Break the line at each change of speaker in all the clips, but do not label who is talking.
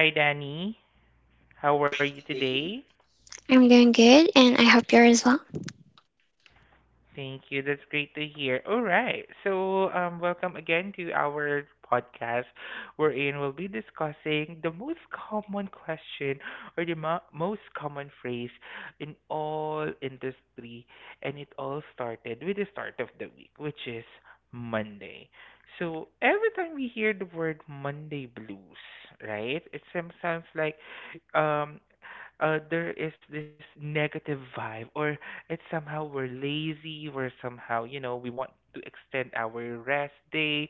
Hi Danny. How are you today?
I'm doing good, and I hope you're as well.
Thank you. That's great to hear. All right. So, welcome again to our podcast, wherein we'll be discussing the most common question or the most common phrase in all industry, and it all started with the start of the week, which is Monday. So every time we hear the word Monday blues, right? It sounds like, um, there is this negative vibe, or it's somehow we're lazy, we're somehow, we want to extend our rest day.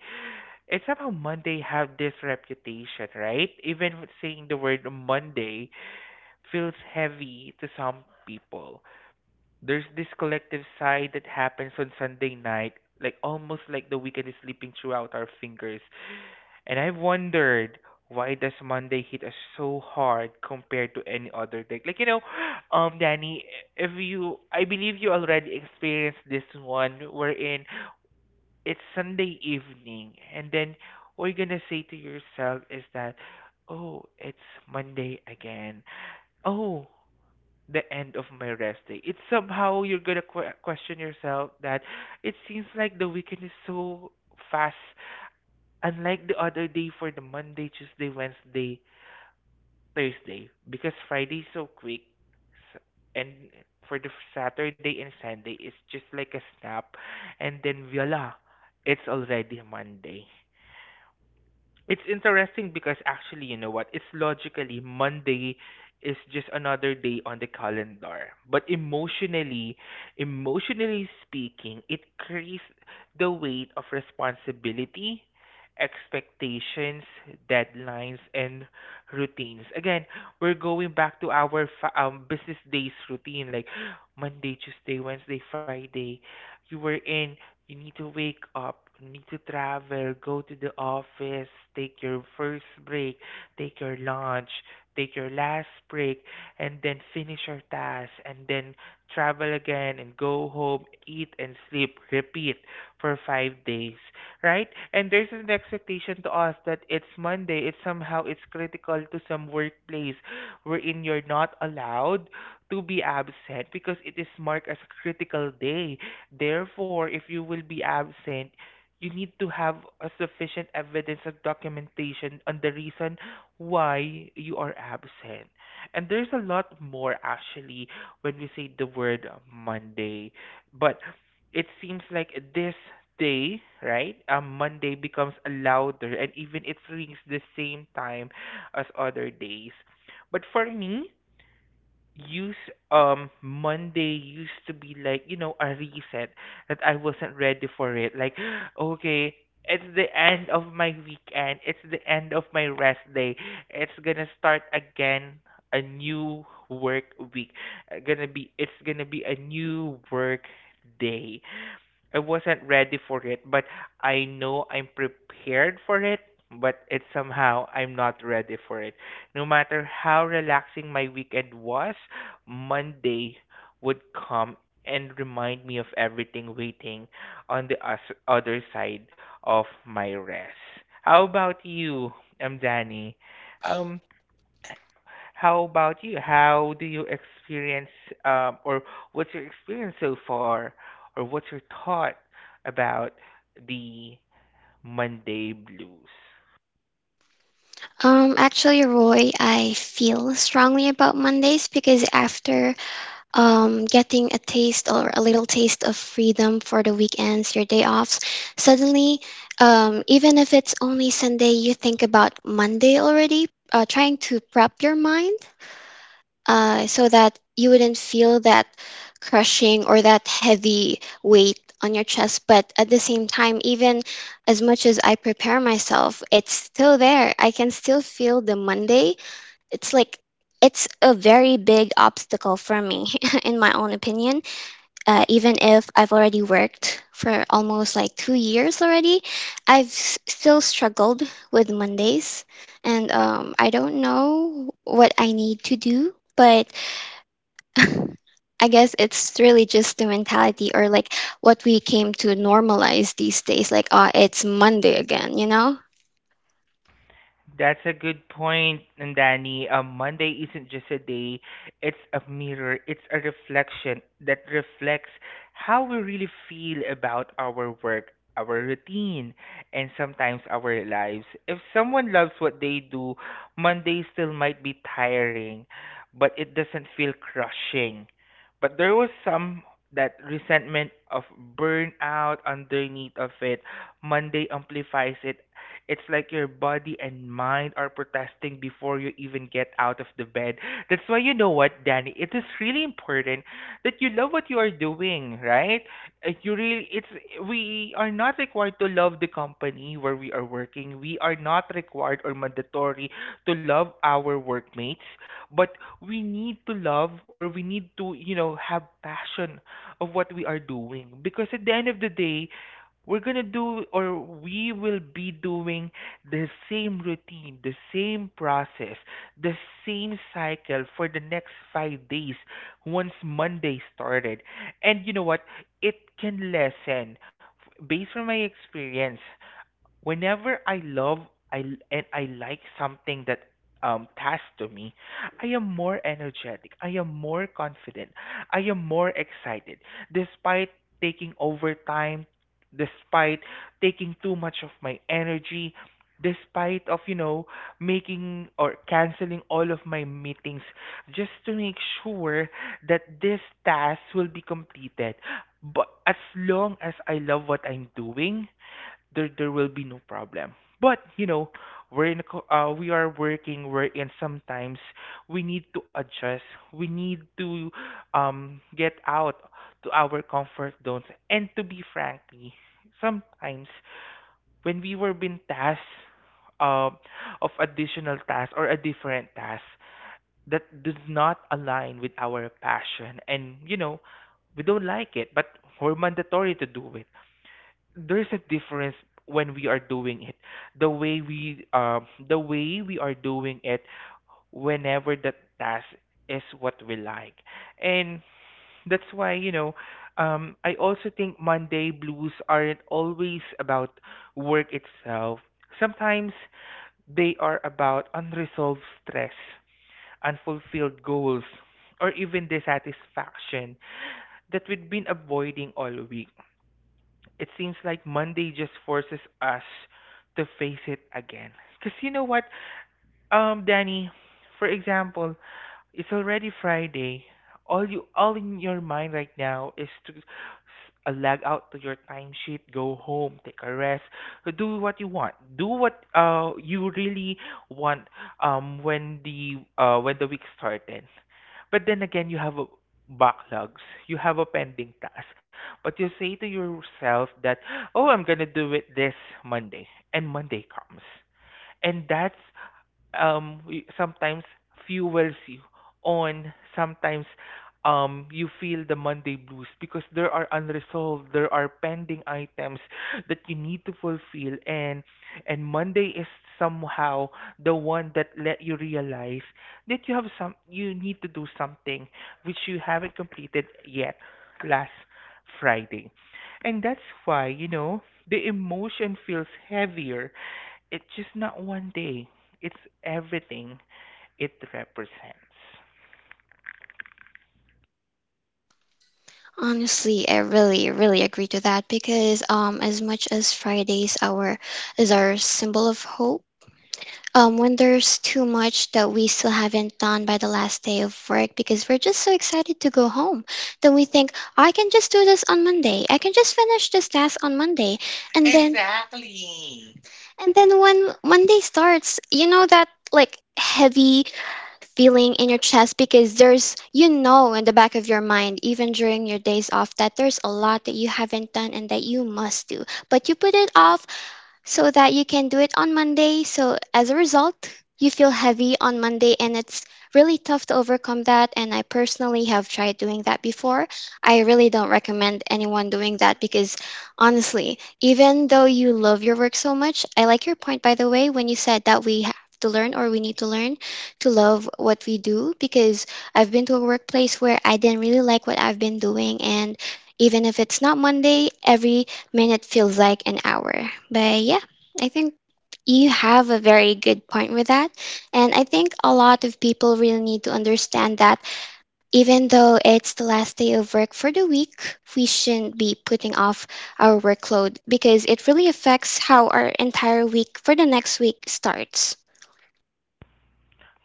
It's somehow Monday have this reputation, right? Even with saying the word Monday feels heavy to some people. There's this collective sigh that happens on Sunday night, like almost like the weekend is slipping throughout our fingers. And I've wondered, why does Monday hit us so hard compared to any other day? Like Danny, if you, I believe you already experienced this one, wherein it's Sunday evening, and then what you're gonna say to yourself is that, oh, it's Monday again. Oh, the end of my rest day. It's somehow you're gonna question yourself that it seems like the weekend is so fast, unlike the other day for the Monday, Tuesday, Wednesday, Thursday, because Friday is so quick, s- and for the Saturday and Sunday it's just like a snap, and then voila, it's already Monday. It's interesting because actually, you know what? It's logically Monday is just another day on the calendar. But emotionally, emotionally speaking, it carries the weight of responsibility, expectations, deadlines, and routines. Again, we're going back to our business days routine like Monday, Tuesday, Wednesday, Friday. You were in, you need to wake up, you need to travel, go to the office, take your first break, take your lunch, take your last break, and then finish your task, and then travel again and go home, eat and sleep, repeat for 5 days, right? And there's an expectation to us that it's Monday, it's somehow it's critical to some workplace wherein you're not allowed to be absent because it is marked as a critical day. Therefore, if you will be absent, you need to have a sufficient evidence and documentation on the reason why you are absent. And there's a lot more actually when we say the word Monday. But it seems like this day, right? Monday becomes louder and even it rings the same time as other days. But for me, use Monday used to be like, you know, a reset that I wasn't ready for it. Like, okay, it's the end of my weekend. It's the end of my rest day. It's gonna start again a new work week. Gonna be it's gonna be a new work day. I wasn't ready for it, but I know I'm prepared for it, but it's somehow I'm not ready for it. No matter how relaxing my weekend was, Monday would come and remind me of everything waiting on the other side of my rest. How about you, Danny? Um, how about you? How do you experience, or what's your experience so far, or what's your thought about the Monday blues?
Actually, Roy, I feel strongly about Mondays because after getting a taste or a little taste of freedom for the weekends, your day offs, suddenly, even if it's only Sunday, you think about Monday already, trying to prep your mind. So that you wouldn't feel that crushing or that heavy weight on your chest. But at the same time, even as much as I prepare myself, it's still there. I can still feel the Monday. It's like it's a very big obstacle for me, in my own opinion. Even if I've already worked for almost like 2 years already, I've still struggled with Mondays. And I don't know what I need to do, but I guess it's really just the mentality or like what we came to normalize these days. Like, ah, it's Monday again, you know?
That's a good point, Nandani. Monday isn't just a day, it's a mirror, it's a reflection that reflects how we really feel about our work, our routine, and sometimes our lives. If someone loves what they do, Monday still might be tiring, but it doesn't feel crushing. But there was some that resentment of burnout underneath of it. Monday amplifies it. It's like your body and mind are protesting before you even get out of the bed. That's why you know what, Danny, it is really important that you love what you are doing, right? You really it's we are not required to love the company where we are working. We are not required or mandatory to love our workmates, but we need to love or we need to, you know, have passion of what we are doing because at the end of the day, we're gonna do or we will be doing the same routine, the same process, the same cycle for the next 5 days once Monday started. And you know what? It can lessen. Based on my experience, whenever I love I and I like something that tasked to me, I am more energetic. I am more confident. I am more excited, despite taking overtime, despite taking too much of my energy, despite of you know making or canceling all of my meetings just to make sure that this task will be completed. But as long as I love what I'm doing, there will be no problem. But you know, we're in a we are working. We're in sometimes we need to adjust. We need to get out to our comfort zones. And to be frankly, sometimes when we were being tasked uh, of additional tasks or a different task that does not align with our passion, and you know we don't like it, but we're mandatory to do it. There's a difference when we are doing it, the way we are doing it whenever the task is what we like. And that's why you know, I also think Monday blues aren't always about work itself. Sometimes they are about unresolved stress, unfulfilled goals, or even dissatisfaction that we've been avoiding all week. It seems like Monday just forces us to face it again. Because you know what, Danny, for example, it's already Friday. All you all in your mind right now is to log out to your timesheet, go home, take a rest, do what you want, do what you really want when the week started. But then again, you have a backlogs, you have a pending task, but you say to yourself that oh I'm gonna do it this Monday, and Monday comes, and that's sometimes fuels you on. Sometimes you feel the Monday blues because there are unresolved, there are pending items that you need to fulfill, and Monday is somehow the one that let you realize that you have some you need to do something which you haven't completed yet last Friday. And that's why you know the emotion feels heavier. It's just not one day. It's everything it represents.
Honestly, I really, really agree to that because as much as Fridays our is our symbol of hope. When there's too much that we still haven't done by the last day of work, because we're just so excited to go home, that we think, I can just do this on Monday. I can just finish this task on Monday. And then and then when Monday starts, you know that like heavy feeling in your chest, because there's in the back of your mind even during your days off that there's a lot that you haven't done and that you must do. But you put it off so that you can do it on Monday. So as a result, you feel heavy on Monday, and it's really tough to overcome that, and I personally have tried doing that before. I really don't recommend anyone doing that because honestly, even though you love your work so much, I like your point, by the way, when you said that we have to learn, or we need to learn, to love what we do, because I've been to a workplace where I didn't really like what I've been doing, and even if it's not Monday, every minute feels like an hour. But yeah, I think you have a very good point with that. And I think a lot of people really need to understand that even though it's the last day of work for the week, we shouldn't be putting off our workload, because it really affects how our entire week for the next week starts.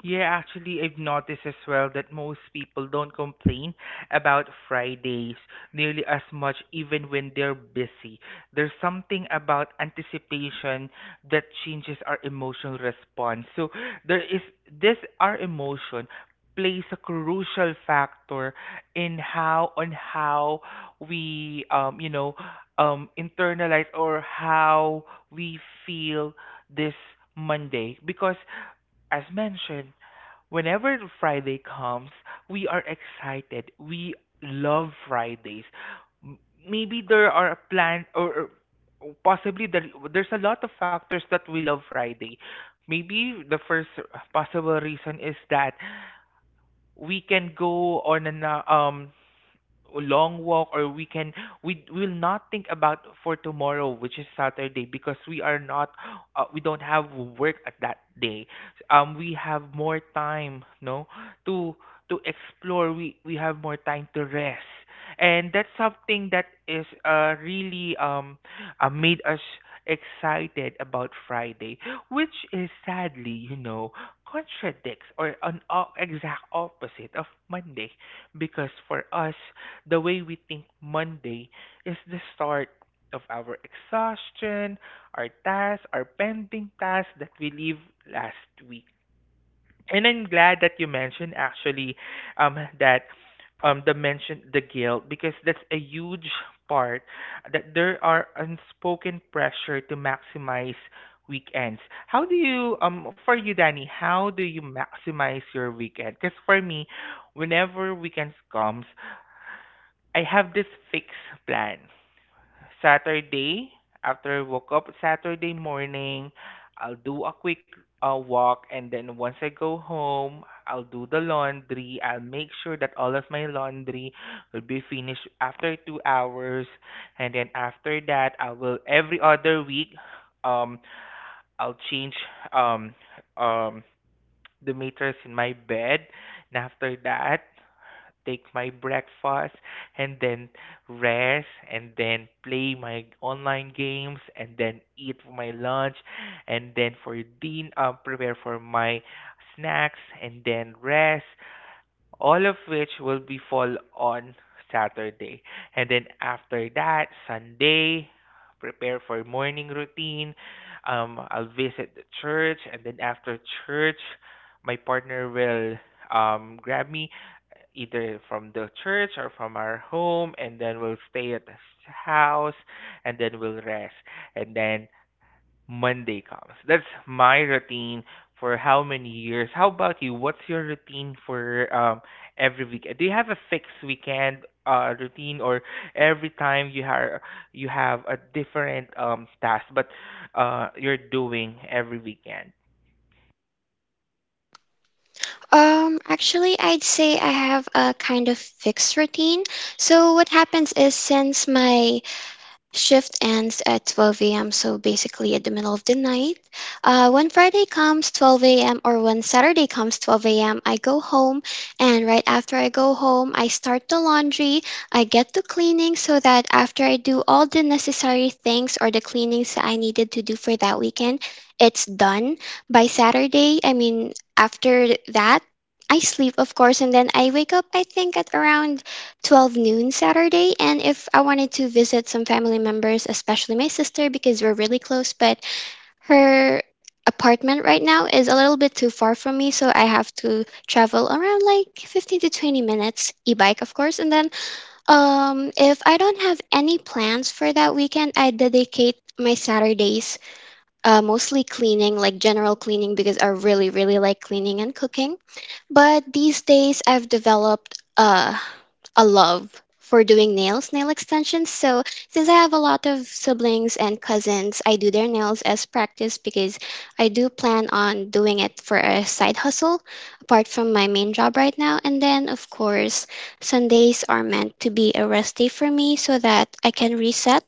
Yeah, actually, I've noticed as well that most people don't complain about Fridays nearly as much, even when they're busy. There's something about anticipation that changes our emotional response. So there is this our emotion plays a crucial factor in how on how we you know internalize or how we feel this Monday because as mentioned, whenever Friday comes, we are excited. We love Fridays. M- Maybe there are plans or possibly there's a lot of factors that we love Friday. Maybe the first possible reason is that we can go on an long walk, or we can we will not think about for tomorrow which is Saturday because we are not we don't have work at that day. We have more time, no, to to explore. We have more time to rest, and that's something that is really made us excited about Friday, which is sadly you know contradicts or an exact opposite of Monday because for us the way we think Monday is the start of our exhaustion, our tasks, our pending tasks that we leave last week. And I'm glad that you mentioned actually that the mention the guilt because that's a huge part that there are unspoken pressure to maximize weekends. How do you for you Danny, how do you maximize your weekend? Because for me, whenever weekends comes, I have this fixed plan. Saturday, after I woke up Saturday morning, I'll do a quick walk and then once I go home, I'll do the laundry. I'll make sure that all of my laundry will be finished after 2 hours, and then after that, I will every other week, um I'll change um um the mattress in my bed, and after that take my breakfast and then rest and then play my online games and then eat my lunch and then for din prepare for my snacks and then rest, all of which will be fall on Saturday. And then after that, Sunday, prepare for morning routine. I'll visit the church, and then after church my partner will grab me either from the church or from our home, and then we'll stay at the house and then we'll rest, and then Monday comes. That's my routine for how many years. How about you? What's your routine for every weekend? Do you have a fixed weekend routine, or every time you have a different task but you're doing every weekend?
Actually, I'd say I have a kind of fixed routine. So, what happens is, since my shift ends at 12 a.m., so basically at the middle of the night. When Friday comes 12 a.m., or when Saturday comes 12 a.m., I go home, and right after I go home, I start the laundry. I get to cleaning, so that after I do all the necessary things, or the cleanings that I needed to do for that weekend, it's done by Saturday. I mean, after that, I sleep, of course, and then I wake up, I think, at around 12 noon Saturday. And if I wanted to visit some family members, especially my sister, because we're really close, but her apartment right now is a little bit too far from me. So I have to travel around like 15 to 20 minutes, e bike, of course. And then if I don't have any plans for that weekend, I dedicate my Saturdays mostly cleaning, like general cleaning, because I really, really like cleaning and cooking. But these days I've developed a love for doing nails, nail extensions. So since I have a lot of siblings and cousins, I do their nails as practice, because I do plan on doing it for a side hustle apart from my main job right now. And then of course, Sundays are meant to be a rest day for me, so that I can reset,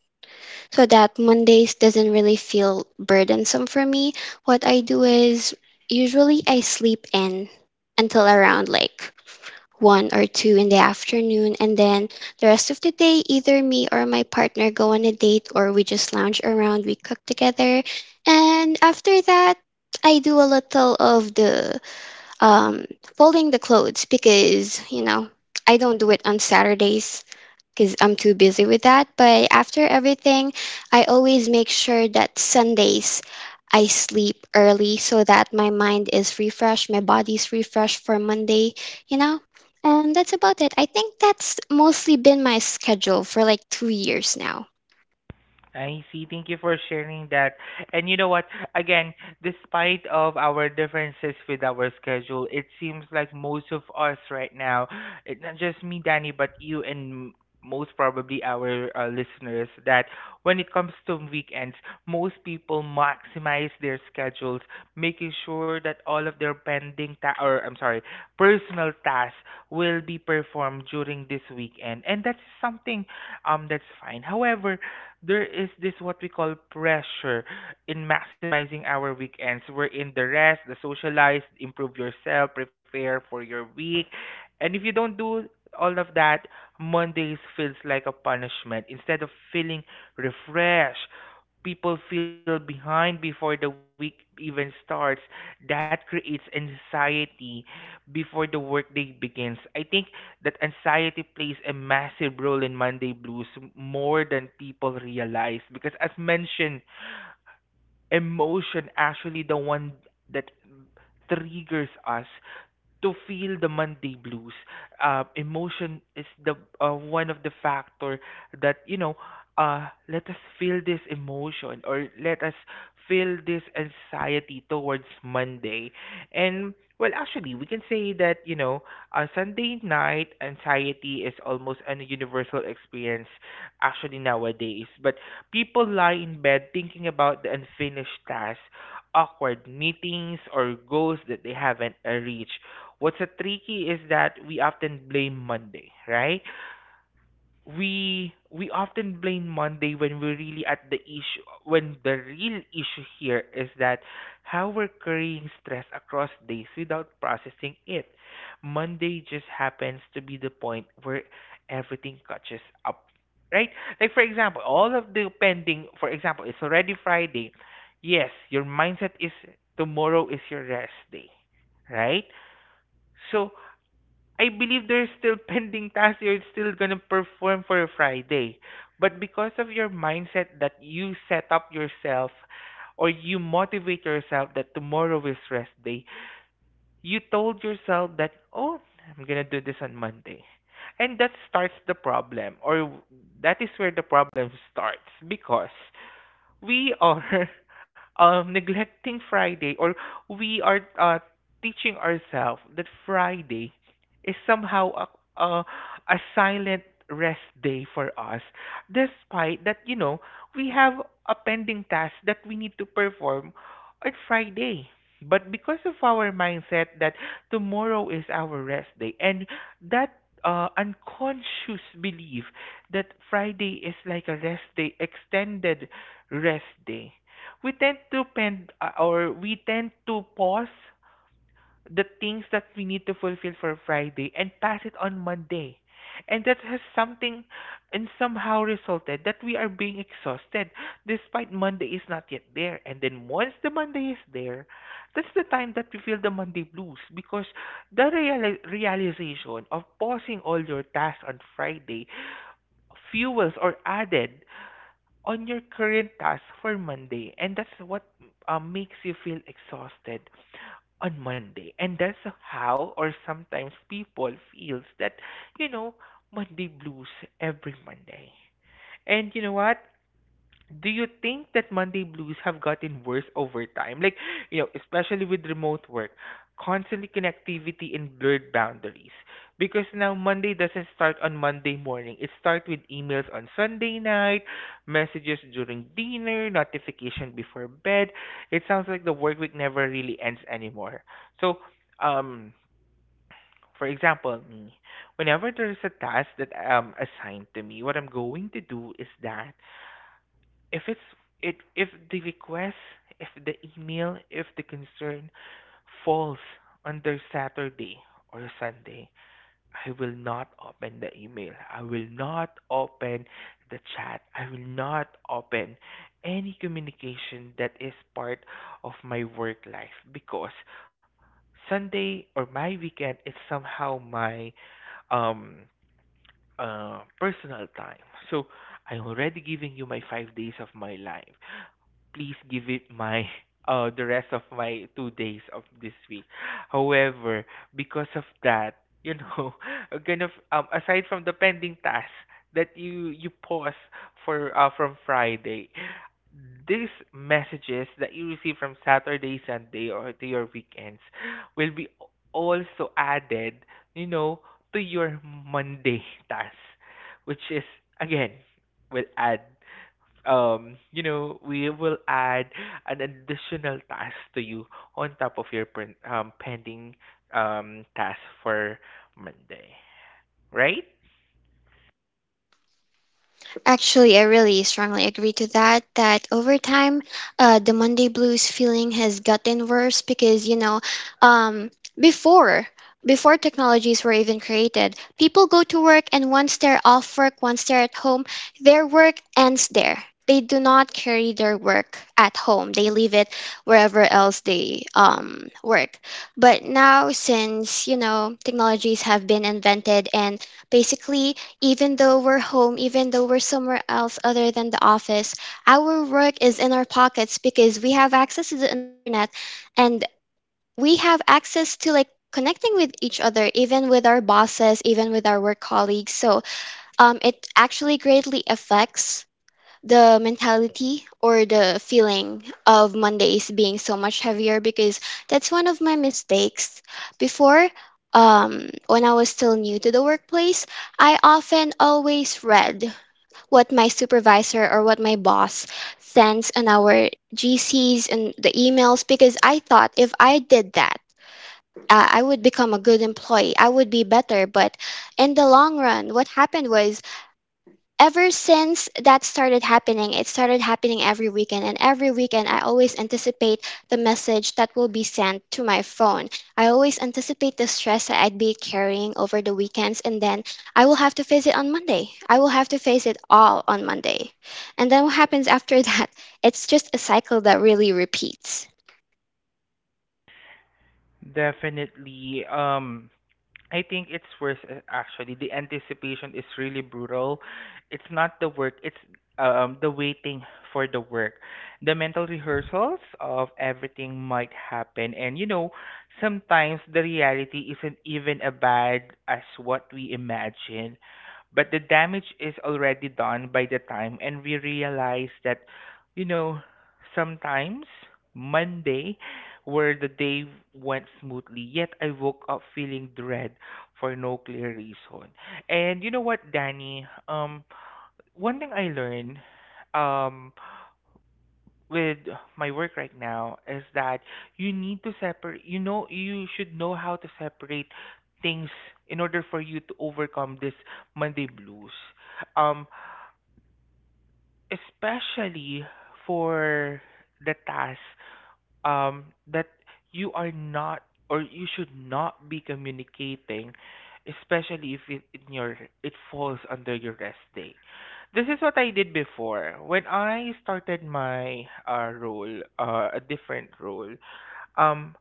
so that Mondays doesn't really feel burdensome for me. What I do is usually I sleep in until around like one or two in the afternoon, and then the rest of the day, either me or my partner go on a date, or we just lounge around, we cook together, and after that, I do a little of the um, folding the clothes, because you know I don't do it on Saturdays, because I'm too busy with that. But after everything, I always make sure that Sundays I sleep early, so that my mind is refreshed, my body's refreshed for Monday, you know? And that's about it. I think that's mostly been my schedule for like 2 years now.
I see. Thank you for sharing that. And you know what? Again, despite of our differences with our schedule, it seems like most of us right now, it, not just me, Danny, but you and most probably our listeners, that when it comes to weekends, most people maximize their schedules, making sure that all of their pending personal tasks will be performed during this weekend, and that's something that's fine. However, there is this what we call pressure in maximizing our weekends. We're in the rest, the socialize, improve yourself, prepare for your week. And if you don't do all of that, Mondays feels like a punishment. Instead of feeling refreshed, people feel behind before the week even starts. That creates anxiety before the workday begins. I think that anxiety plays a massive role in Monday blues more than people realize because as mentioned emotion actually the one that triggers us to feel the Monday blues. Emotion is the one of the factor that you know. Let us feel this emotion, or let us feel this anxiety towards Monday. And well, actually, we can say that you know, Sunday night anxiety is almost a universal experience actually nowadays. But people lie in bed thinking about the unfinished task, awkward meetings, or goals that they haven't reached. What's a tricky is that we often blame Monday, right? We often blame Monday when we're really at the issue when the real issue here is that how we're carrying stress across days without processing it. Monday just happens to be the point where everything catches up. Right? Like for example, all of the pending for example, it's already Friday. Yes, your mindset is tomorrow is your rest day. Right? So I believe there's still pending tasks you're still gonna perform for Friday. But because of your mindset that you set up yourself or you motivate yourself that tomorrow is rest day, you told yourself that, oh, I'm gonna do this on Monday. And that starts the problem, or that is where the problem starts because we are neglecting Friday, or we are teaching ourselves that Friday is somehow a silent rest day for us, despite that, you know, we have a pending task that we need to perform on Friday. But because of our mindset that tomorrow is our rest day, and that unconscious belief that Friday is like a rest day extended rest day. We tend to pend or we tend to pause the things that we need to fulfill for Friday and pass it on Monday. And that has something and somehow resulted that we are being exhausted despite Monday is not yet there. And then once the Monday is there, that's the time that we feel the Monday blues because the real realization of pausing all your tasks on Friday fuels or added on your current task for Monday. And that's what makes you feel exhausted on Monday. And that's how or sometimes people feels that, you know, Monday blues every Monday. And you know what? Do you think that Monday blues have gotten worse over time? Like, you know, especially with remote work, constant connectivity and blurred boundaries. Because now Monday doesn't start on Monday morning. It starts with emails on Sunday night, messages during dinner, notification before bed. It sounds like the work week never really ends anymore. So, um, for example, me, whenever there is a task that assigned to me, what I'm going to do is that if it's it if the request, if the email, if the concern falls under Saturday or Sunday, I will not open the email, I will not open the chat, I will not open any communication that is part of my work life because Sunday or my weekend is somehow my um personal time. So I'm already giving you my 5 days of my life. Please give it my the rest of my 2 days of this week. However, because of that, you know, kind of aside from the pending tasks that you pause for from Friday, these messages that you receive from Saturday, Sunday, or to your weekends will be also added, you know, to your Monday task, which is again will add you know, we will add an additional task to you on top of your pending task for Monday, right?
Actually, I really strongly agree to that. That over time, the Monday blues feeling has gotten worse because um, before before technologies were even created, people go to work, and once they're off work, once they're at home, their work ends there. They do not carry their work at home. They leave it wherever else they work. But now, since technologies have been invented, and basically even though we're home, even though we're somewhere else other than the office, our work is in our pockets, because we have access to the internet, and we have access to like connecting with each other, even with our bosses, even with our work colleagues. So it actually greatly affects the mentality or the feeling of Mondays being so much heavier, because that's one of my mistakes. Before, when I was still new to the workplace, I often always read what my supervisor or what my boss sends on our GCs and the emails, because I thought if I did that, I would become a good employee. I would be better. But in the long run, what happened was, ever since that started happening, it started happening every weekend. And every weekend, I always anticipate the message that will be sent to my phone. I always anticipate the stress that I'd be carrying over the weekends. And then I will have to face it on Monday. I will have to face it all on Monday. And then what happens after that? It's just a cycle that really repeats.
Definitely. I think it's worse actually. The anticipation is really brutal. It's not the work, it's the waiting for the work. The mental rehearsals of everything might happen and you know, sometimes the reality isn't even as bad as what we imagine, but the damage is already done by the time and we realize that you know sometimes Monday where the day went smoothly yet I woke up feeling dread for no clear reason. And you know what, Danny, one thing I learned, um with my work right now is that you need to separate, you know, you should know how to separate things in order for you to overcome this Monday blues. um Especially for the task that you are not or you should not be communicating, especially if it falls under your rest day. This is what I did before when I started my role, a different role. Um,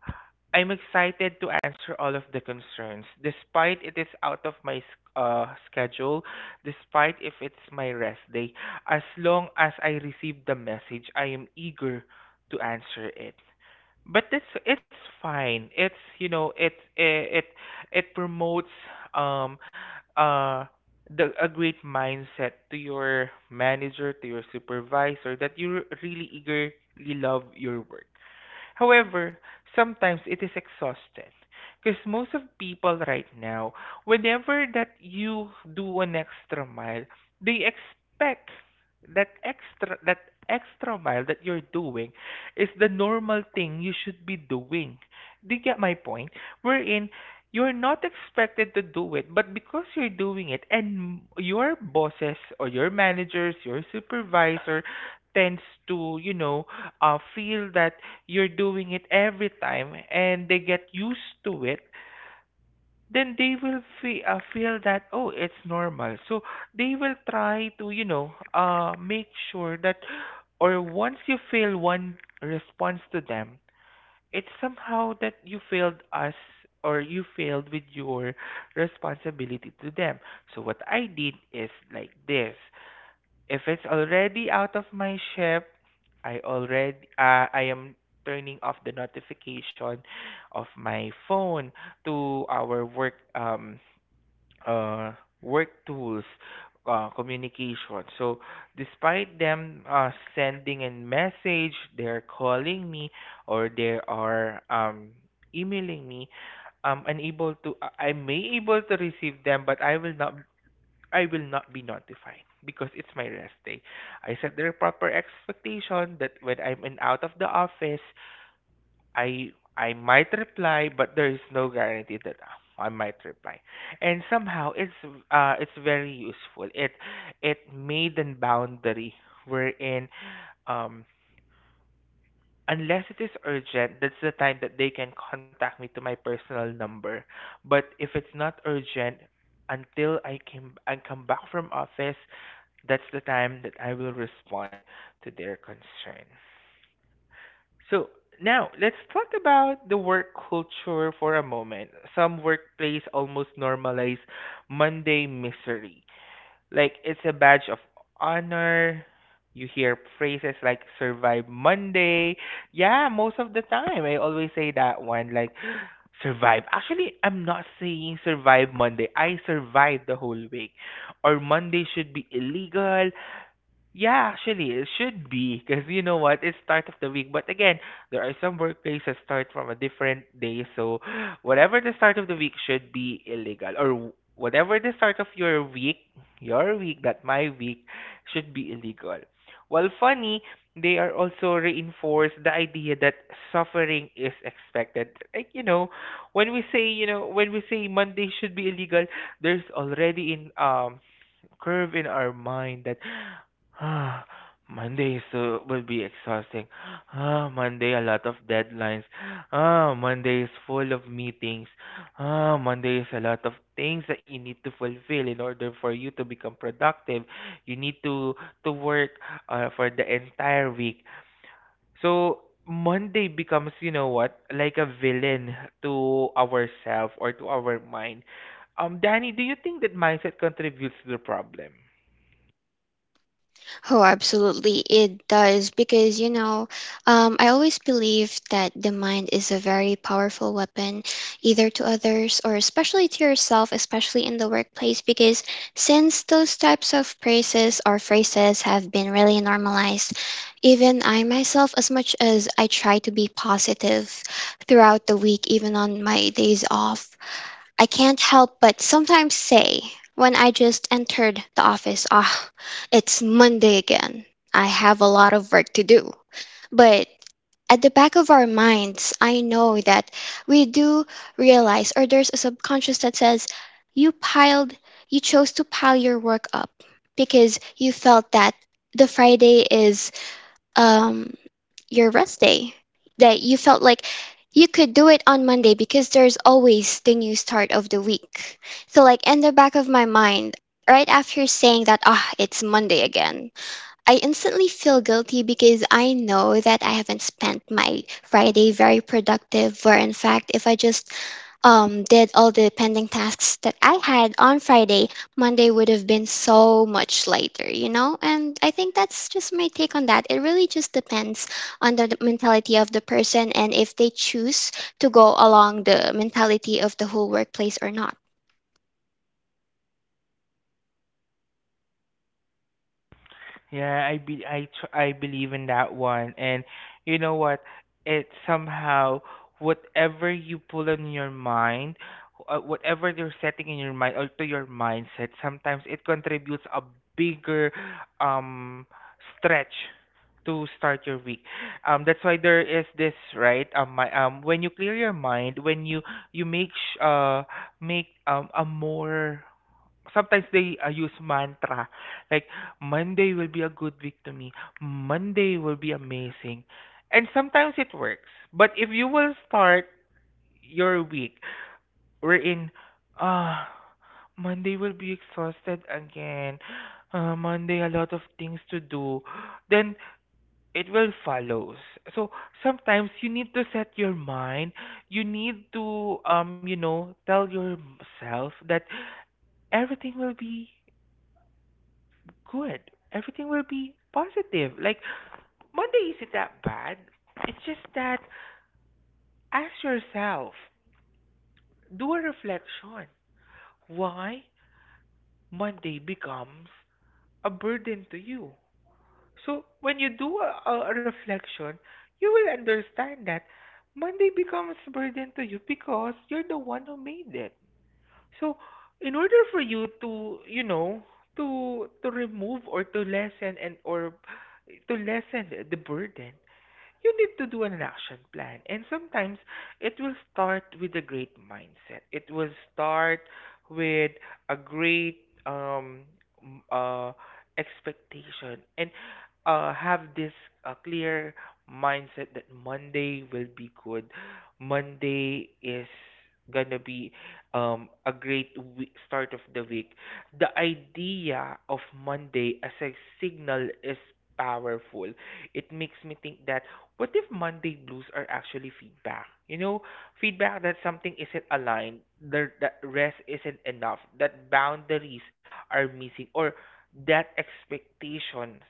I'm excited to answer all of the concerns, despite it is out of my schedule, despite if it's my rest day. As long as I receive the message, I am eager to answer it. But it's fine. It's you know it promotes um uh the a great mindset to your manager, to your supervisor, that you're really eagerly love your work. However, sometimes it is exhausted because most of people right now, whenever that you do an extra mile, they expect that extra mile that you're doing is the normal thing you should be doing. Do you get my point? Wherein you're not expected to do it, but because you're doing it, and your bosses or your managers, your supervisor tends to, you know, feel that you're doing it every time and they get used to it, then they will feel that, oh, it's normal. So they will try to, you know, make sure that, or once you fail one response to them, it's somehow that you failed us or you failed with your responsibility to them. So what I did is like this. If it's already out of my shift, I am turning off the notification of my phone to our uh work tools communication. So despite them sending a message, they're calling me, or they are emailing me. I may able to receive them, but I will not be notified because it's my rest day. I set the proper expectation that when I'm in out of the office, I might reply, but there is no guarantee that I might reply. And somehow it's very useful. It made a boundary wherein um unless it is urgent, that's the time that they can contact me to my personal number. But if it's not urgent, until I come back from office, that's the time that I will respond to their concern. So now let's talk about the work culture for a moment. Some workplace almost normalize Monday misery. Like it's a badge of honor. You hear phrases like survive Monday. Yeah, most of the time I always say that one like survive. Actually, I'm not saying survive Monday. I survived the whole week. Or Monday should be illegal. Yeah, actually, it should be because you know what, it's start of the week. But again, there are some workplaces start from a different day, so whatever the start of the week should be illegal, or whatever the start of your week, that my week, should be illegal. Well, funny, they are also reinforced the idea that suffering is expected. Like you know, when we say Monday should be illegal, there's already in curve in our mind that ah, Monday is, will be exhausting. Ah, Monday, a lot of deadlines. Ah, Monday is full of meetings. Ah, Monday is a lot of things that you need to fulfill in order for you to become productive. You need to work for the entire week. So Monday becomes, you know what, like a villain to ourself or to our mind. Danny, do you think that mindset contributes to the problem?
Oh, absolutely. It does because, I always believe that the mind is a very powerful weapon, either to others or especially to yourself, especially in the workplace. Because since those types of phrases, or phrases have been really normalized, even I myself, as much as I try to be positive throughout the week, even on my days off, I can't help but sometimes say, when I just entered the office, ah, it's Monday again. I have a lot of work to do. But at the back of our minds, I know that we do realize, or there's a subconscious that says, you piled, you chose to pile your work up because you felt that the Friday is um, your rest day, that you felt like you could do it on Monday because there's always the new start of the week. So like in the back of my mind, right after saying that ah it's Monday again, I instantly feel guilty, because I know that I haven't spent my Friday very productive, where in fact, if I just did all the pending tasks that I had on Friday, Monday would have been so much lighter, you know? And I think that's just my take on that. It really just depends on the mentality of the person, and if they choose to go along the mentality of the whole workplace or not.
Yeah, I be I tr- I believe in that one, and you know what? It somehow whatever you pull in your mind, whatever you're setting in your mind or to your mindset, sometimes it contributes a bigger um stretch to start your week. That's why there is this right my when you clear your mind, when you make a more sometimes they use mantra like Monday will be a good week to me. Monday will be amazing. And sometimes it works. But if you will start your week wherein uh Monday will be exhausted again. Monday a lot of things to do. Then it will follows. So sometimes you need to set your mind. You need to you know tell yourself that everything will be good. Everything will be positive. Like, Monday isn't that bad. It's just that ask yourself, do a reflection. Why Monday becomes a burden to you? So, when you do a reflection, you will understand that Monday becomes a burden to you because you're the one who made it. So, in order for you to, you know, to remove or to lessen and or to lessen the burden, you need to do an action plan. And sometimes it will start with a great mindset. It will start with a great m- uh, expectation and have this clear mindset that Monday will be good. Monday is gonna be a great week, start of the week. The idea of Monday as a signal is powerful. It makes me think that what if Monday blues are actually feedback? You know, feedback that something isn't aligned, that rest isn't enough, that boundaries are missing, or that expectations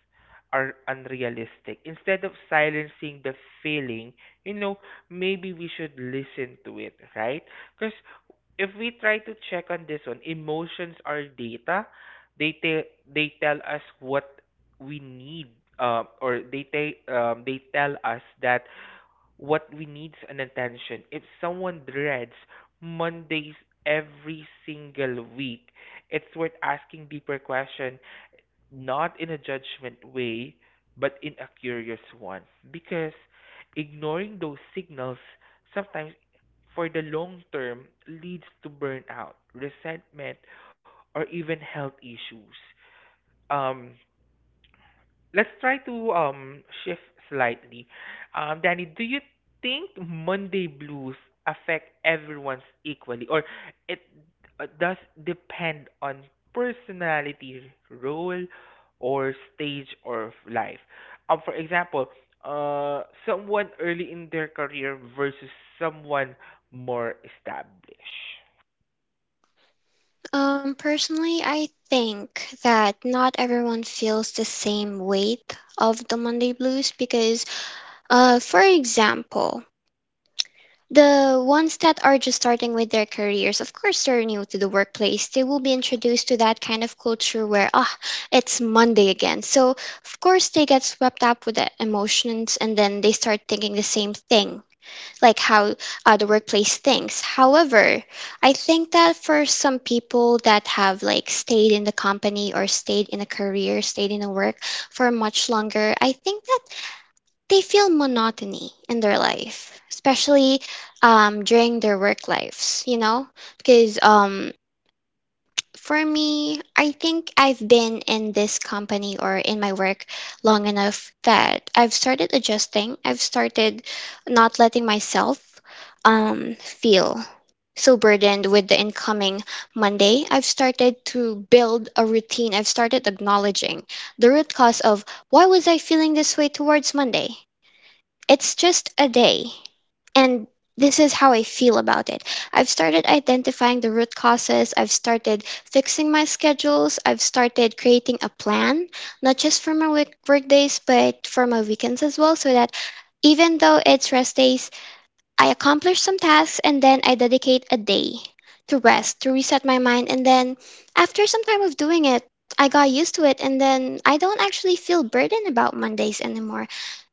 are unrealistic. Instead of silencing the feeling, you know, maybe we should listen to it, right? Because if we try to check on this one, emotions are data. They tell they tell us what we need or they tell us that what we needs an attention. If someone dreads mondays every single week, it's worth asking deeper question, not in a judgment way but in a curious one, because ignoring those signals sometimes for the long term leads to burnout, resentment, or even health issues. um let's try to shift slightly. Danny, do you think Monday blues affect everyone's equally, or it does depend on personality, role, or stage of life? For example, someone early in their career versus someone more established.
Personally, I think that not everyone feels the same weight of the Monday blues because, for example, the ones that are just starting with their careers, of course, they're new to the workplace. They will be introduced to that kind of culture where, ah, it's Monday again. So, of course, they get swept up with the emotions, and then they start thinking the same thing like how the workplace thinks. However, I think that for some people that have like stayed in the company, or stayed in a career, stayed in a work for much longer, I think that they feel monotony in their life, especially during their work lives, because for me, I think I've been in this company or in my work long enough that I've started adjusting. I've started not letting myself feel so burdened with the incoming Monday. I've started to build a routine. I've started acknowledging the root cause of why was I feeling this way towards Monday? It's just a day. And this is how I feel about it. I've started identifying the root causes. I've started fixing my schedules. I've started creating a plan, not just for my work days, but for my weekends as well, so that even though it's rest days, I accomplish some tasks and then I dedicate a day to rest, to reset my mind. And then after some time of doing it, I got used to it. And then I don't actually feel burdened about Mondays anymore.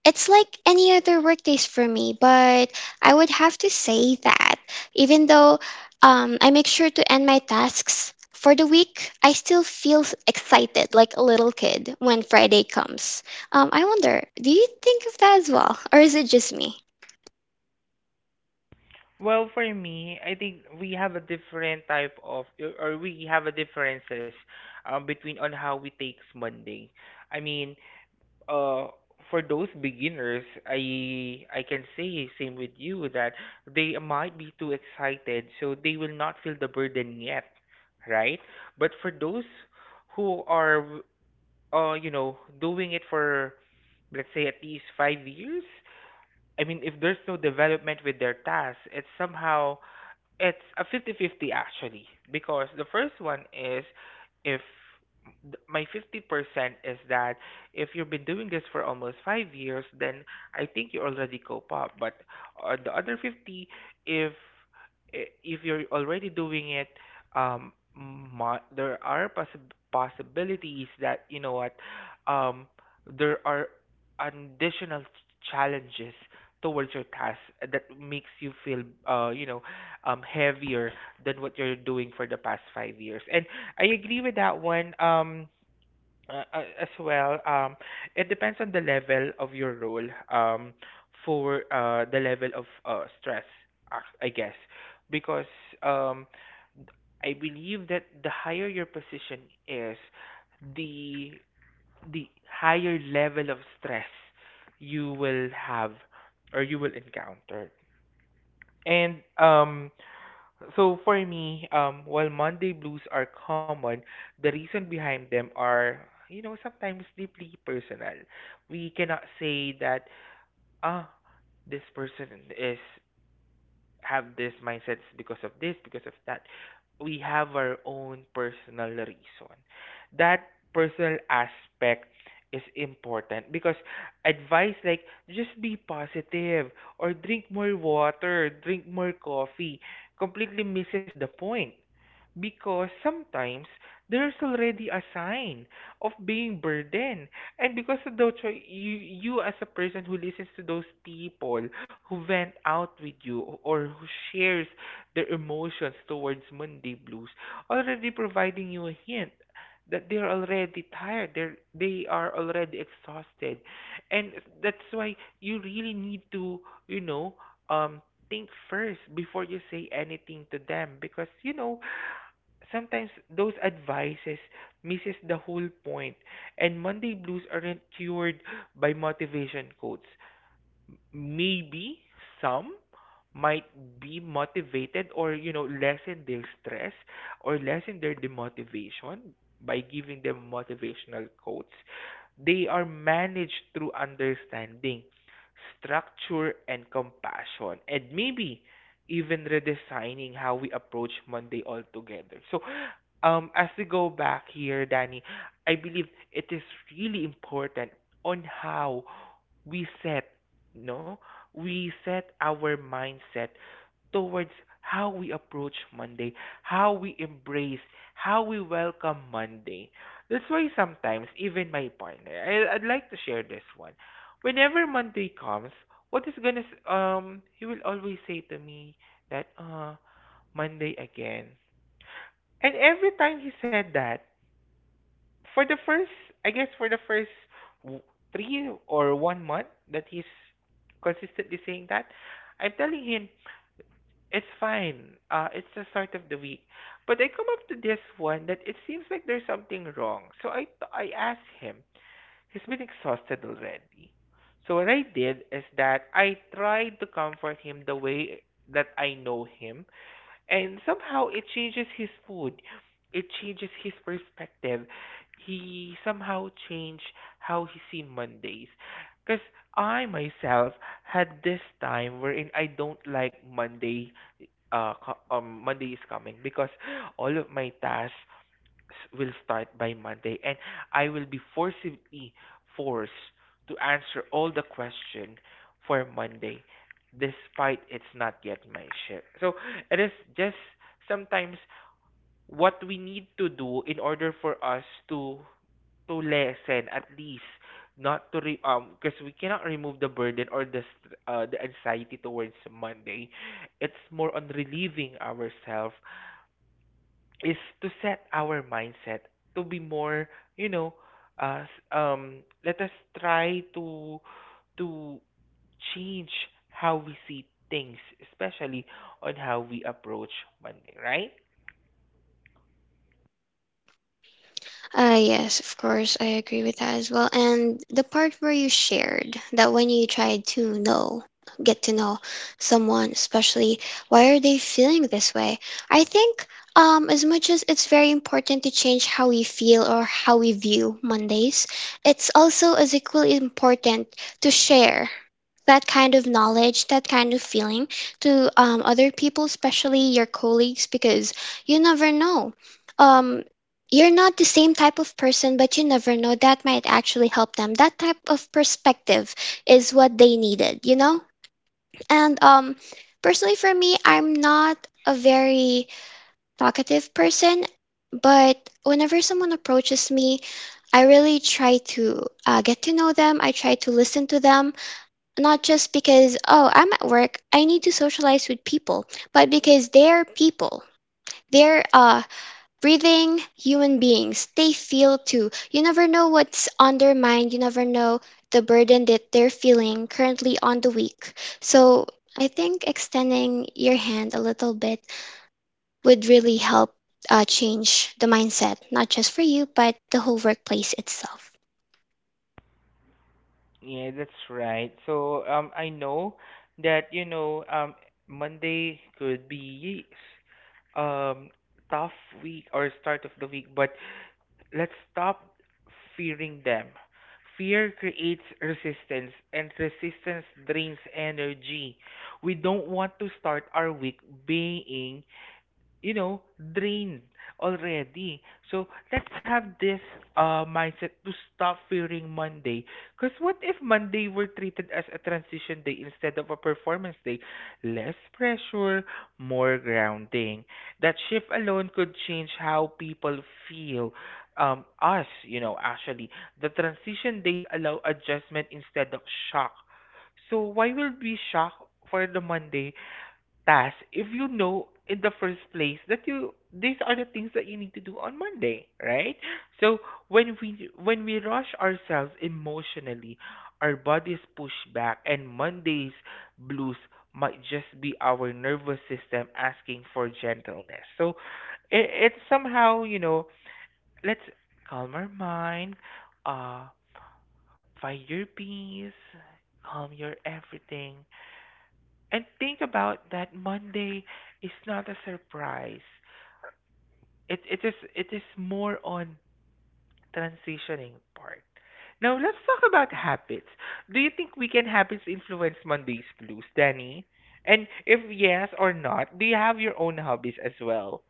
It's like any other work days for me, but I would have to say that even though I make sure to end my tasks for the week, I still feel excited like a little kid when Friday comes. I wonder, do you think of that as well? Or is it just me?
Well, for me, I think we have a different type of, or we have a differences between on how we takes Monday. I mean, uh, for those beginners, I can say same with you that they might be too excited, so they will not feel the burden yet, right? But for those who are, you know, doing it for, let's say at least 5 years, I mean, if there's no development with their task, it's somehow it's a 50-50 actually because the first one is if th- my 50% is that if you've been doing this for almost 5 years then I think you already cope up, but the other 50, if if you're already doing it, there are possibilities that you know what um there are additional challenges towards your task that makes you feel you know heavier than what you're doing for the past 5 years. And I agree with that one. As well. It depends on the level of your role. For the level of stress, I guess, because um, I believe that the higher your position is, the the higher level of stress you will have or you will encounter. And so for me, while Monday blues are common, the reason behind them are, you know, sometimes deeply personal. We cannot say that, ah, this person is have these mindsets because of this, because of that. We have our own personal reason. That personal aspect is important because advice like just be positive or drink more water, drink more coffee completely misses the point, because sometimes there's already a sign of being burdened. And because of those, you as a person who listens to those people who vent out with you or who shares their emotions towards Monday blues, already providing you a hint that they're already tired. They are already exhausted, and that's why you really need to you know um think first before you say anything to them, because you know sometimes those advices misses the whole point, and monday blues aren't cured by motivation quotes. Maybe some might be motivated or you know lessen their stress or lessen their demotivation by giving them motivational quotes. They are managed through understanding, structure and compassion, and maybe even redesigning how we approach monday altogether. So as we go back here, Danny, I believe it is really important on how we set, no, we set our mindset towards how we approach Monday, how we embrace, how we welcome Monday. That's why sometimes, even my partner, I'd like to share this one. Whenever Monday comes, what is gonna, s- he will always say to me that, Monday again. And every time he said that, for the first, I guess for the first w- 3 or 1 month that he's consistently saying that, I'm telling him it's fine. It's the start of the week. But I come up to this one that it seems like there's something wrong. So I asked him. He's been exhausted already. So what I did is that I tried to comfort him the way that I know him, and somehow it changes his food. It changes his perspective. He somehow changed how he see Mondays. Because I myself had this time wherein I don't like Monday. Monday is coming because all of my tasks will start by Monday, and I will be forcibly forced to answer all the question for Monday, despite it's not yet my shift. So it is just sometimes what we need to do in order for us to lessen at least, not to re- because we cannot remove the burden or the the anxiety towards Monday. It's more on relieving ourselves is to set our mindset to be more, you know, let us try to change how we see things, especially on how we approach Monday, right?
Yes, of course, I agree with that as well. And the part where you shared that when you tried to know, get to know someone, especially why are they feeling this way? I think, as much as it's very important to change how we feel or how we view Mondays, it's also as equally important to share that kind of knowledge, that kind of feeling to other people, especially your colleagues, because you never know. Um, you're not the same type of person, but you never know. That might actually help them. That type of perspective is what they needed, you know? And personally, for me, I'm not a very talkative person, but whenever someone approaches me, I really try to get to know them. I try to listen to them not just because, oh, I'm at work, I need to socialize with people, but because they're people. They're breathing human beings. They feel too. You never know what's on their mind. You never know the burden that they're feeling currently on the week. So I think extending your hand a little bit would really help change the mindset, not just for you, but the whole workplace itself.
Yeah, that's right. So I know that you know Monday could be um tough week or start of the week, but let's stop fearing them. Fear creates resistance, and resistance drains energy. We don't want to start our week being you know, drained already. So let's have this mindset to stop fearing Monday. Because what if Monday were treated as a transition day instead of a performance day? Less pressure, more grounding. That shift alone could change how people feel. You know, actually, the transition days allow adjustment instead of shock. So why will be shock for the Monday task if you know in the first place that you these are the things that you need to do on Monday, right? So when we rush ourselves emotionally, our bodies push back, and Monday's blues might just be our nervous system asking for gentleness. So it's somehow, you know, let's calm our mind, uh find your peace, calm your everything and think about that Monday is not a surprise. It is more on transitioning part. Now let's talk about habits. Do you think weekend habits influence Monday's blues, Danny? And if yes or not, do you have your own hobbies as well?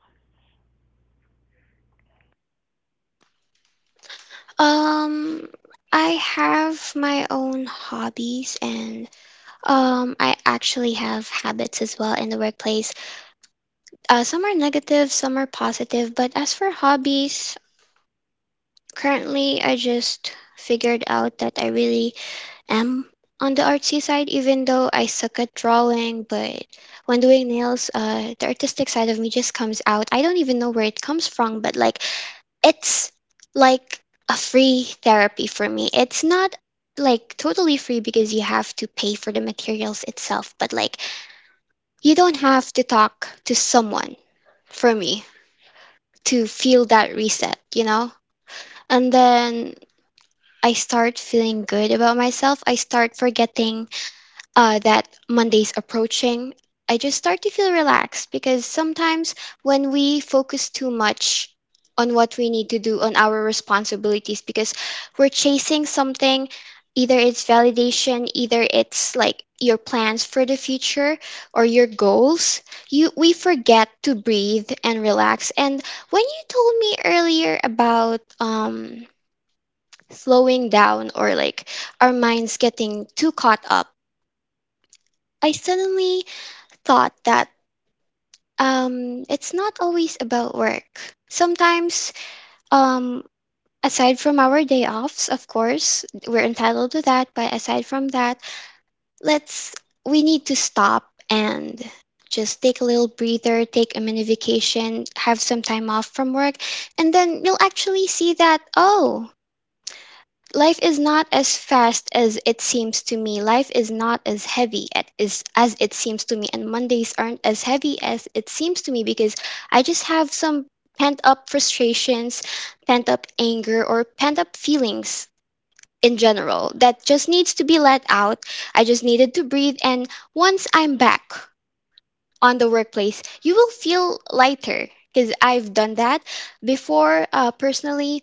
Um, I have my own hobbies and I actually have habits as well in the workplace. Some are negative, some are positive. But as for hobbies, currently I just figured out that I really am on the artsy side, even though I suck at drawing. But when doing nails, the artistic side of me just comes out. I don't even know where it comes from, but it's like a free therapy for me. It's not like totally free because you have to pay for the materials itself, but like you don't have to talk to someone for me to feel that reset, you know? And then I start feeling good about myself. I start forgetting that Monday's approaching, I just start to feel relaxed because sometimes when we focus too much on what we need to do, on our responsibilities, because we're chasing something, either it's validation, either it's like your plans for the future or your goals, you we forget to breathe and relax. And when you told me earlier about slowing down or like our minds getting too caught up, I suddenly thought that it's not always about work. Sometimes, um, aside from our day offs, of course, we're entitled to that, but aside from that, let's we need to stop and just take a little breather, take a mini vacation, have some time off from work, and then you'll actually see that, oh, life is not as fast as it seems to me. Life is not as heavy as it seems to me. And Mondays aren't as heavy as it seems to me because I just have some pent up frustrations, pent up anger, or pent up feelings in general that just needs to be let out. I just needed to breathe. And once I'm back on the workplace, you will feel lighter because I've done that before. Personally,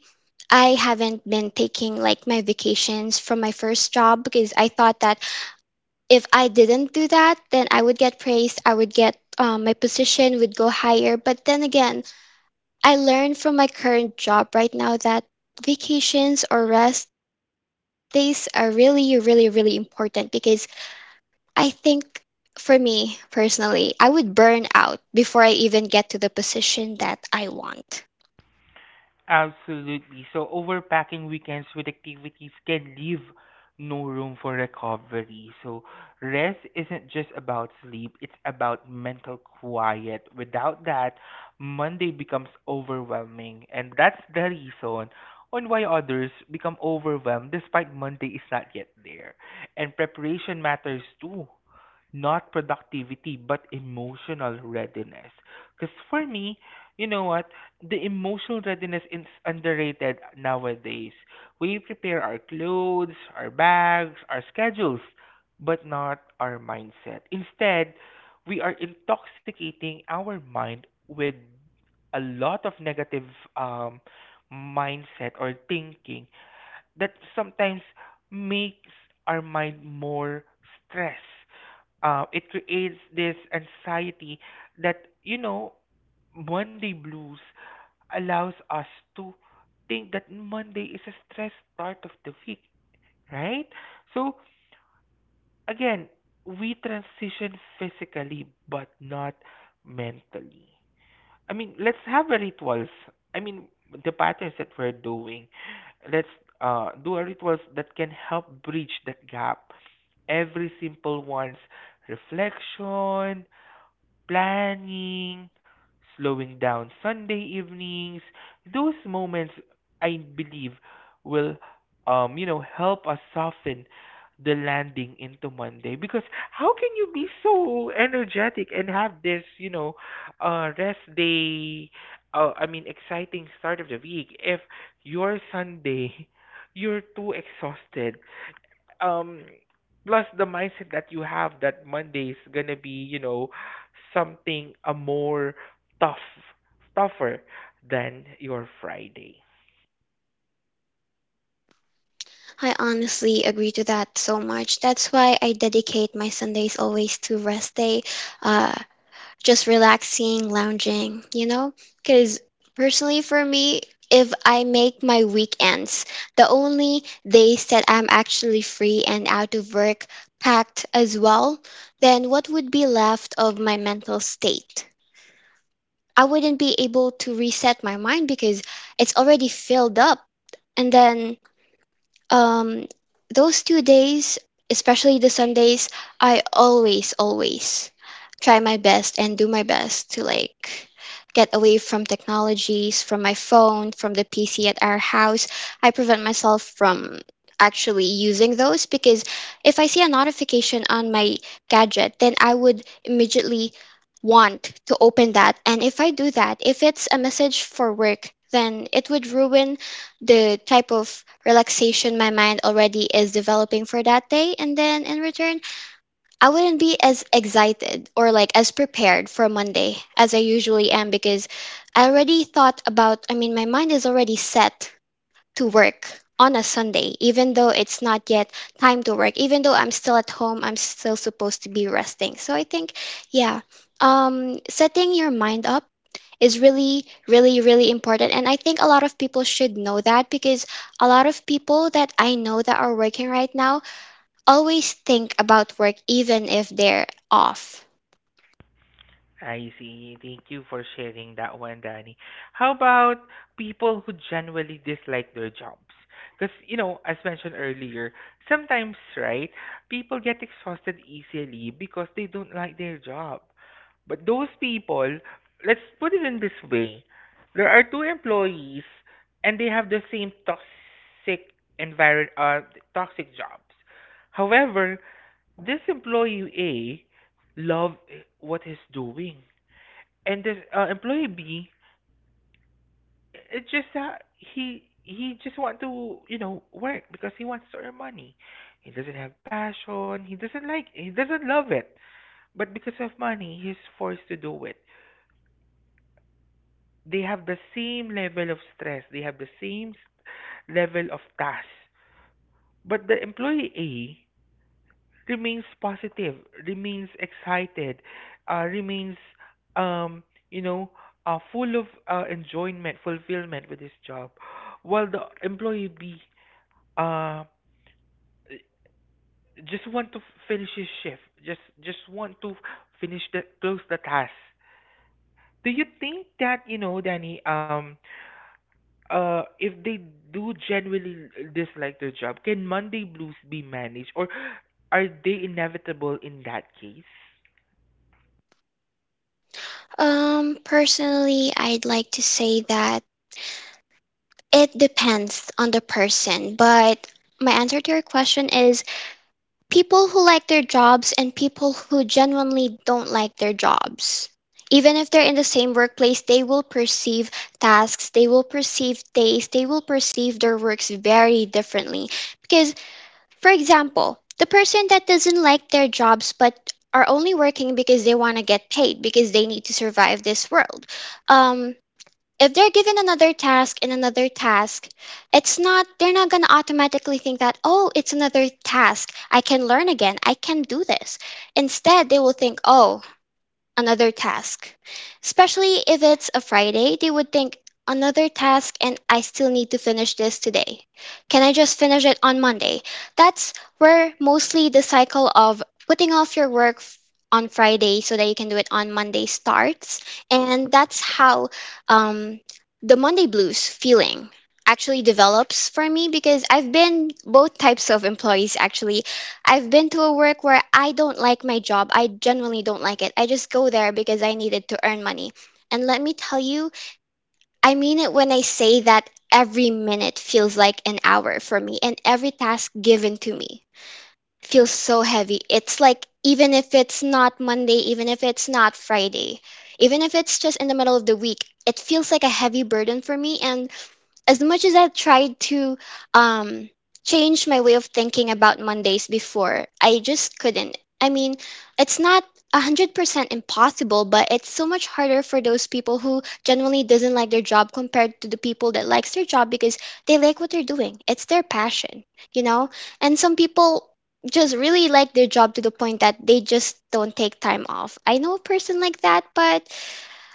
I haven't been taking like my vacations from my first job because I thought that if I didn't do that, then I would get praised. I would get my position would go higher. But then again, I learned from my current job right now that vacations or rest days are really, really, really important because I think for me personally, I would burn out before I even get to the position that I want.
Absolutely. So overpacking weekends with activities can leave no room for recovery. So rest isn't just about sleep, it's about mental quiet. Without that, Monday becomes overwhelming, and that's the reason on why others become overwhelmed despite Monday is not yet there. And preparation matters too, not productivity but emotional readiness. Because for me, you know what, the emotional readiness is underrated nowadays. We prepare our clothes, our bags, our schedules, but not our mindset. Instead, we are intoxicating our mind with a lot of negative um, mindset or thinking that sometimes makes our mind more stressed. It creates this anxiety that you know Monday blues allows us to think that Monday is a stressed start of the week, right? So again, we transition physically but not mentally. I mean, let's have a rituals. I mean, the patterns that we're doing. Let's do a rituals that can help bridge that gap. Every simple one's reflection, planning, slowing down Sunday evenings. Those moments, I believe, will, you know, help us soften the landing into Monday. Because how can you be so energetic and have this rest day? Exciting start of the week if your Sunday, you're too exhausted um plus the mindset that you have that Monday is gonna be, something a more tough tougher than your Friday.
I honestly agree to that so much. That's why I dedicate my Sundays always to rest day. Uh, just relaxing, lounging, you know? Because personally, for me, if I make my weekends the only days that I'm actually free and out of work packed as well, then what would be left of my mental state? I wouldn't be able to reset my mind because it's already filled up. And then um, those two days, especially the Sundays, I always, always try my best and do my best to like get away from technologies, from my phone, from the PC at our house. I prevent myself from actually using those because if I see a notification on my gadget, then I would immediately want to open that. And if I do that, if it's a message for work, then it would ruin the type of relaxation my mind already is developing for that day. And then in return, I wouldn't be as excited or like as prepared for Monday as I usually am because I already thought about, I mean, my mind is already set to work on a Sunday, even though it's not yet time to work, even though I'm still at home, I'm still supposed to be resting. So I think, yeah, setting your mind up is really, really, really important. And I think a lot of people should know that because a lot of people that I know that are working right now always think about work even if they're off.
I see. Thank you for sharing that one, Danny. How about people who genuinely dislike their jobs? Because, you know, as mentioned earlier, sometimes, right, people get exhausted easily because they don't like their job. But those people, let's put it in this way, there are two employees and they have the same toxic environment, uh, toxic jobs. However, this employee A love what he's doing, and this employee B, it's just that he just want to, you know, work because he wants to earn money. He doesn't have passion. He doesn't like. He doesn't love it. But because of money, he's forced to do it. They have the same level of stress. They have the same level of task. But the employee A remains positive, remains excited, remains, um, you know, full of enjoyment, fulfillment with his job, while the employee B uh, just want to finish his shift, just want to finish the close the task. Do you think that, you know, Danny? If they do genuinely dislike their job, can Monday blues be managed, or are they inevitable in that case?
Personally, I'd like to say that it depends on the person, but my answer to your question is people who like their jobs and people who genuinely don't like their jobs. Even if they're in the same workplace, they will perceive tasks, they will perceive days, they will perceive their works very differently. Because, for example, the person that doesn't like their jobs but are only working because they want to get paid because they need to survive this world. Um, if they're given another task and another task, it's not, they're not going to automatically think that, oh, it's another task. I can learn again. I can do this. Instead, they will think, oh, another task. Especially if it's a Friday, they would think, another task and I still need to finish this today. Can I just finish it on Monday? That's where mostly the cycle of putting off your work on Friday so that you can do it on Monday starts. And that's how um, the Monday blues feeling actually develops for me because I've been both types of employees actually I've been to a work where I don't like my job. I genuinely don't like it. I just go there because I needed to earn money. And let me tell you, I mean it when I say that every minute feels like an hour for me, and every task given to me feels so heavy. It's like even if it's not Monday, even if it's not Friday, even if it's just in the middle of the week, it feels like a heavy burden for me. And as much as I've tried to um, change my way of thinking about Mondays before, I just couldn't. I mean, it's not 100% impossible, but it's so much harder for those people who generally doesn't like their job compared to the people that likes their job because they like what they're doing. It's their passion, you know? And some people just really like their job to the point that they just don't take time off. I know a person like that, but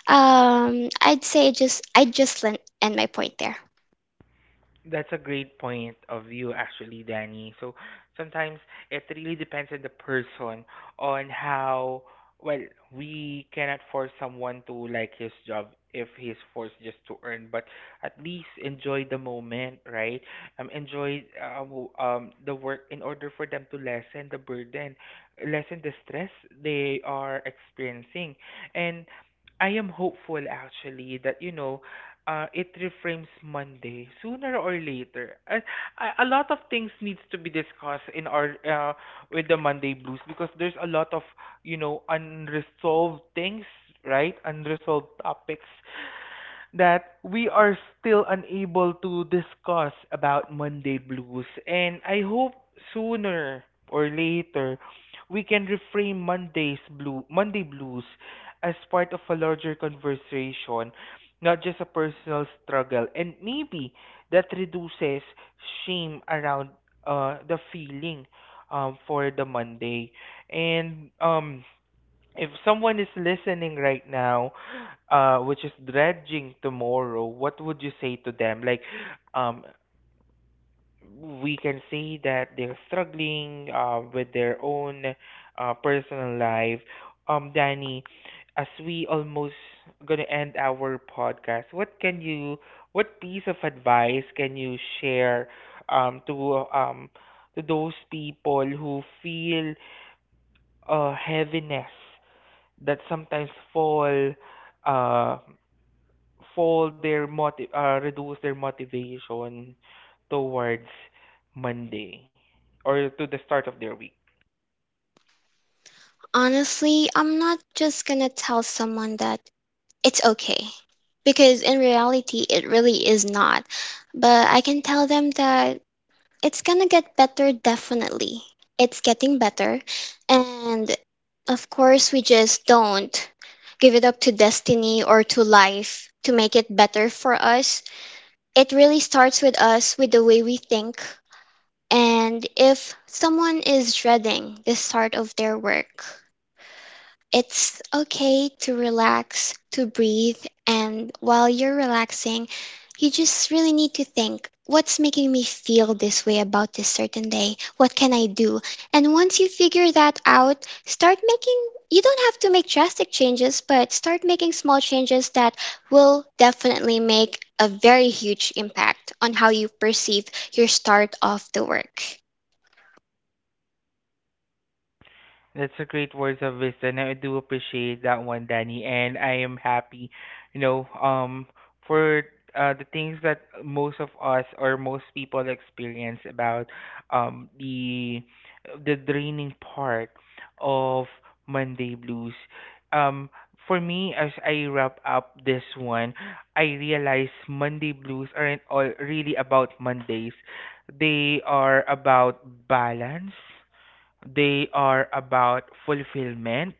I'd say just I just end my point there.
That's a great point of view, actually, Danny. So sometimes it really depends on the person on how well. We cannot force someone to like his job if he's forced just to earn, but at least enjoy the moment, right? Enjoy, the work, in order for them to lessen the burden, lessen the stress they are experiencing, and I am hopeful actually that, you know, it reframes Monday sooner or later. A lot of things needs to be discussed in our with the Monday blues because there's a lot of, you know, unresolved things, right? Unresolved topics that we are still unable to discuss about Monday blues, and I hope sooner or later we can reframe Monday blues as part of a larger conversation, not just a personal struggle. And maybe that reduces shame around the feeling for the Monday. And if someone is listening right now, which is dredging tomorrow, what would you say to them? Like, um, we can say that they're struggling with their own personal life. Danny, as we almost gonna end our podcast, what can you, what piece of advice can you share um, to um, to those people who feel heaviness that sometimes fall uh, reduce their motivation towards Monday or to the start of their week?
Honestly, I'm not just gonna tell someone that it's okay. Because in reality, it really is not. But I can tell them that it's gonna get better, definitely. It's getting better. And of course, we just don't give it up to destiny or to life to make it better for us. It really starts with us, with the way we think. And if someone is dreading the start of their work, it's okay to relax, to breathe, and while you're relaxing, you just really need to think what's making me feel this way about this certain day? What can I do? And once you figure that out, start making you don't have to make drastic changes, but start making small changes that will definitely make a very huge impact on how you perceive your start of the work.
That's a great words of wisdom. I do appreciate that one, Danny, and I am happy, you know, for the things that most of us or most people experience about the draining part of Monday blues. Um, for me, as I wrap up this one, I realize Monday blues aren't all really about Mondays. They are about balance, they are about fulfillment,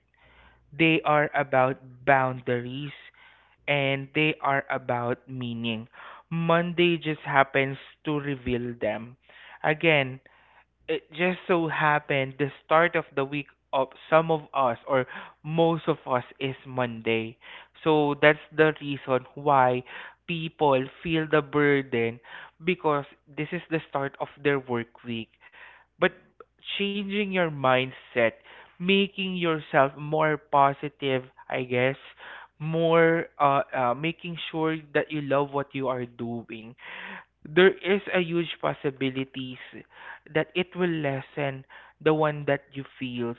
they are about boundaries, and they are about meaning. Monday just happens to reveal them. Again, it just so happened the start of the week of some of us or most of us is Monday. So that's the reason why people feel the burden because this is the start of their work week. But changing your mindset, making yourself more positive, I guess, more making sure that you love what you are doing, there is a huge possibilities that it will lessen the one that you feels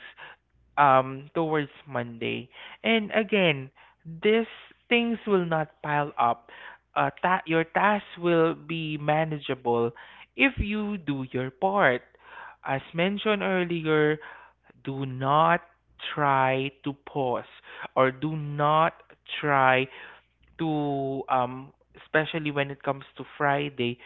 towards Monday. And again, these things will not pile up. Your task will be manageable if you do your part. As mentioned earlier, do not try to pause or do not try to especially when it comes to Friday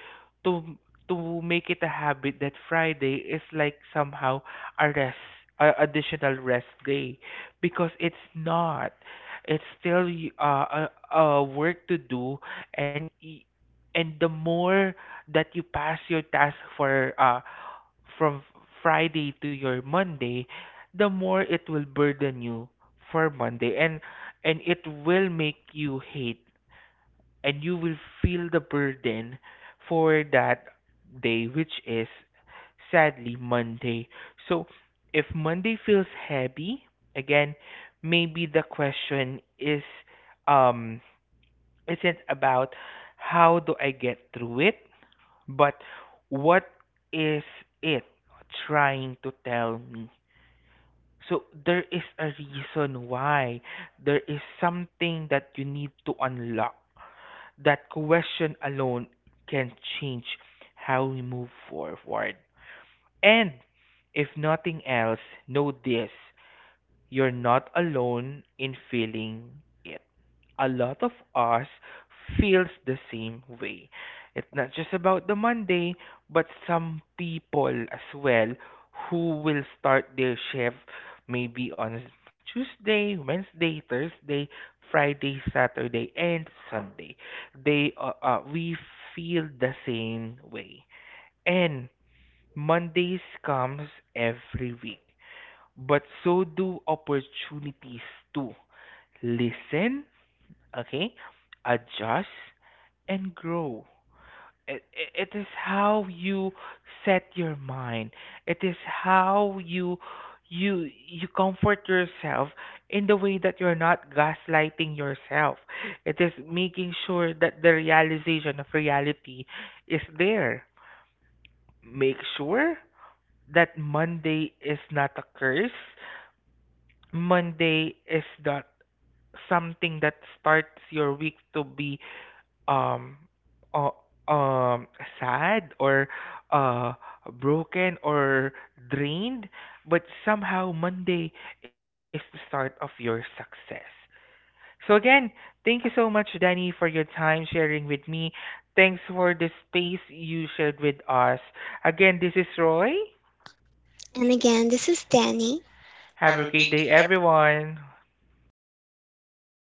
to make it a habit that Friday is like somehow a rest, a additional rest day, because it's not, it's still a work to do, and y- and the more that you pass your task for from Friday to your Monday, the more it will burden you for Monday, and it will make you hate and you will feel the burden for that day, which is sadly Monday. So if Monday feels heavy, again, maybe the question is um isn't about how do I get through it, but what is it trying to tell me? So there is a reason why, there is something that you need to unlock. That question alone can change how we move forward. And if nothing else, know this: you're not alone in feeling it. A lot of us feels the same way. It's not just about the Monday, but some people as well who will start their shift maybe on Tuesday, Wednesday, Thursday, Friday, Saturday, and Sunday. They We feel the same way. And Mondays comes every week, but so do opportunities to listen, okay, adjust, and grow. It is how you set your mind, it is how you you comfort yourself in the way that you're not gaslighting yourself. It is making sure that the realization of reality is there. Make sure that Monday is not a curse. Monday is not something that starts your week to be um uh, um sad or uh broken or drained, but somehow Monday is the start of your success. So again, thank you so much, Danny, for your time sharing with me. Thanks for the space you shared with us. Again, this is Roy.
And again, this is Danny.
Have a great day, everyone.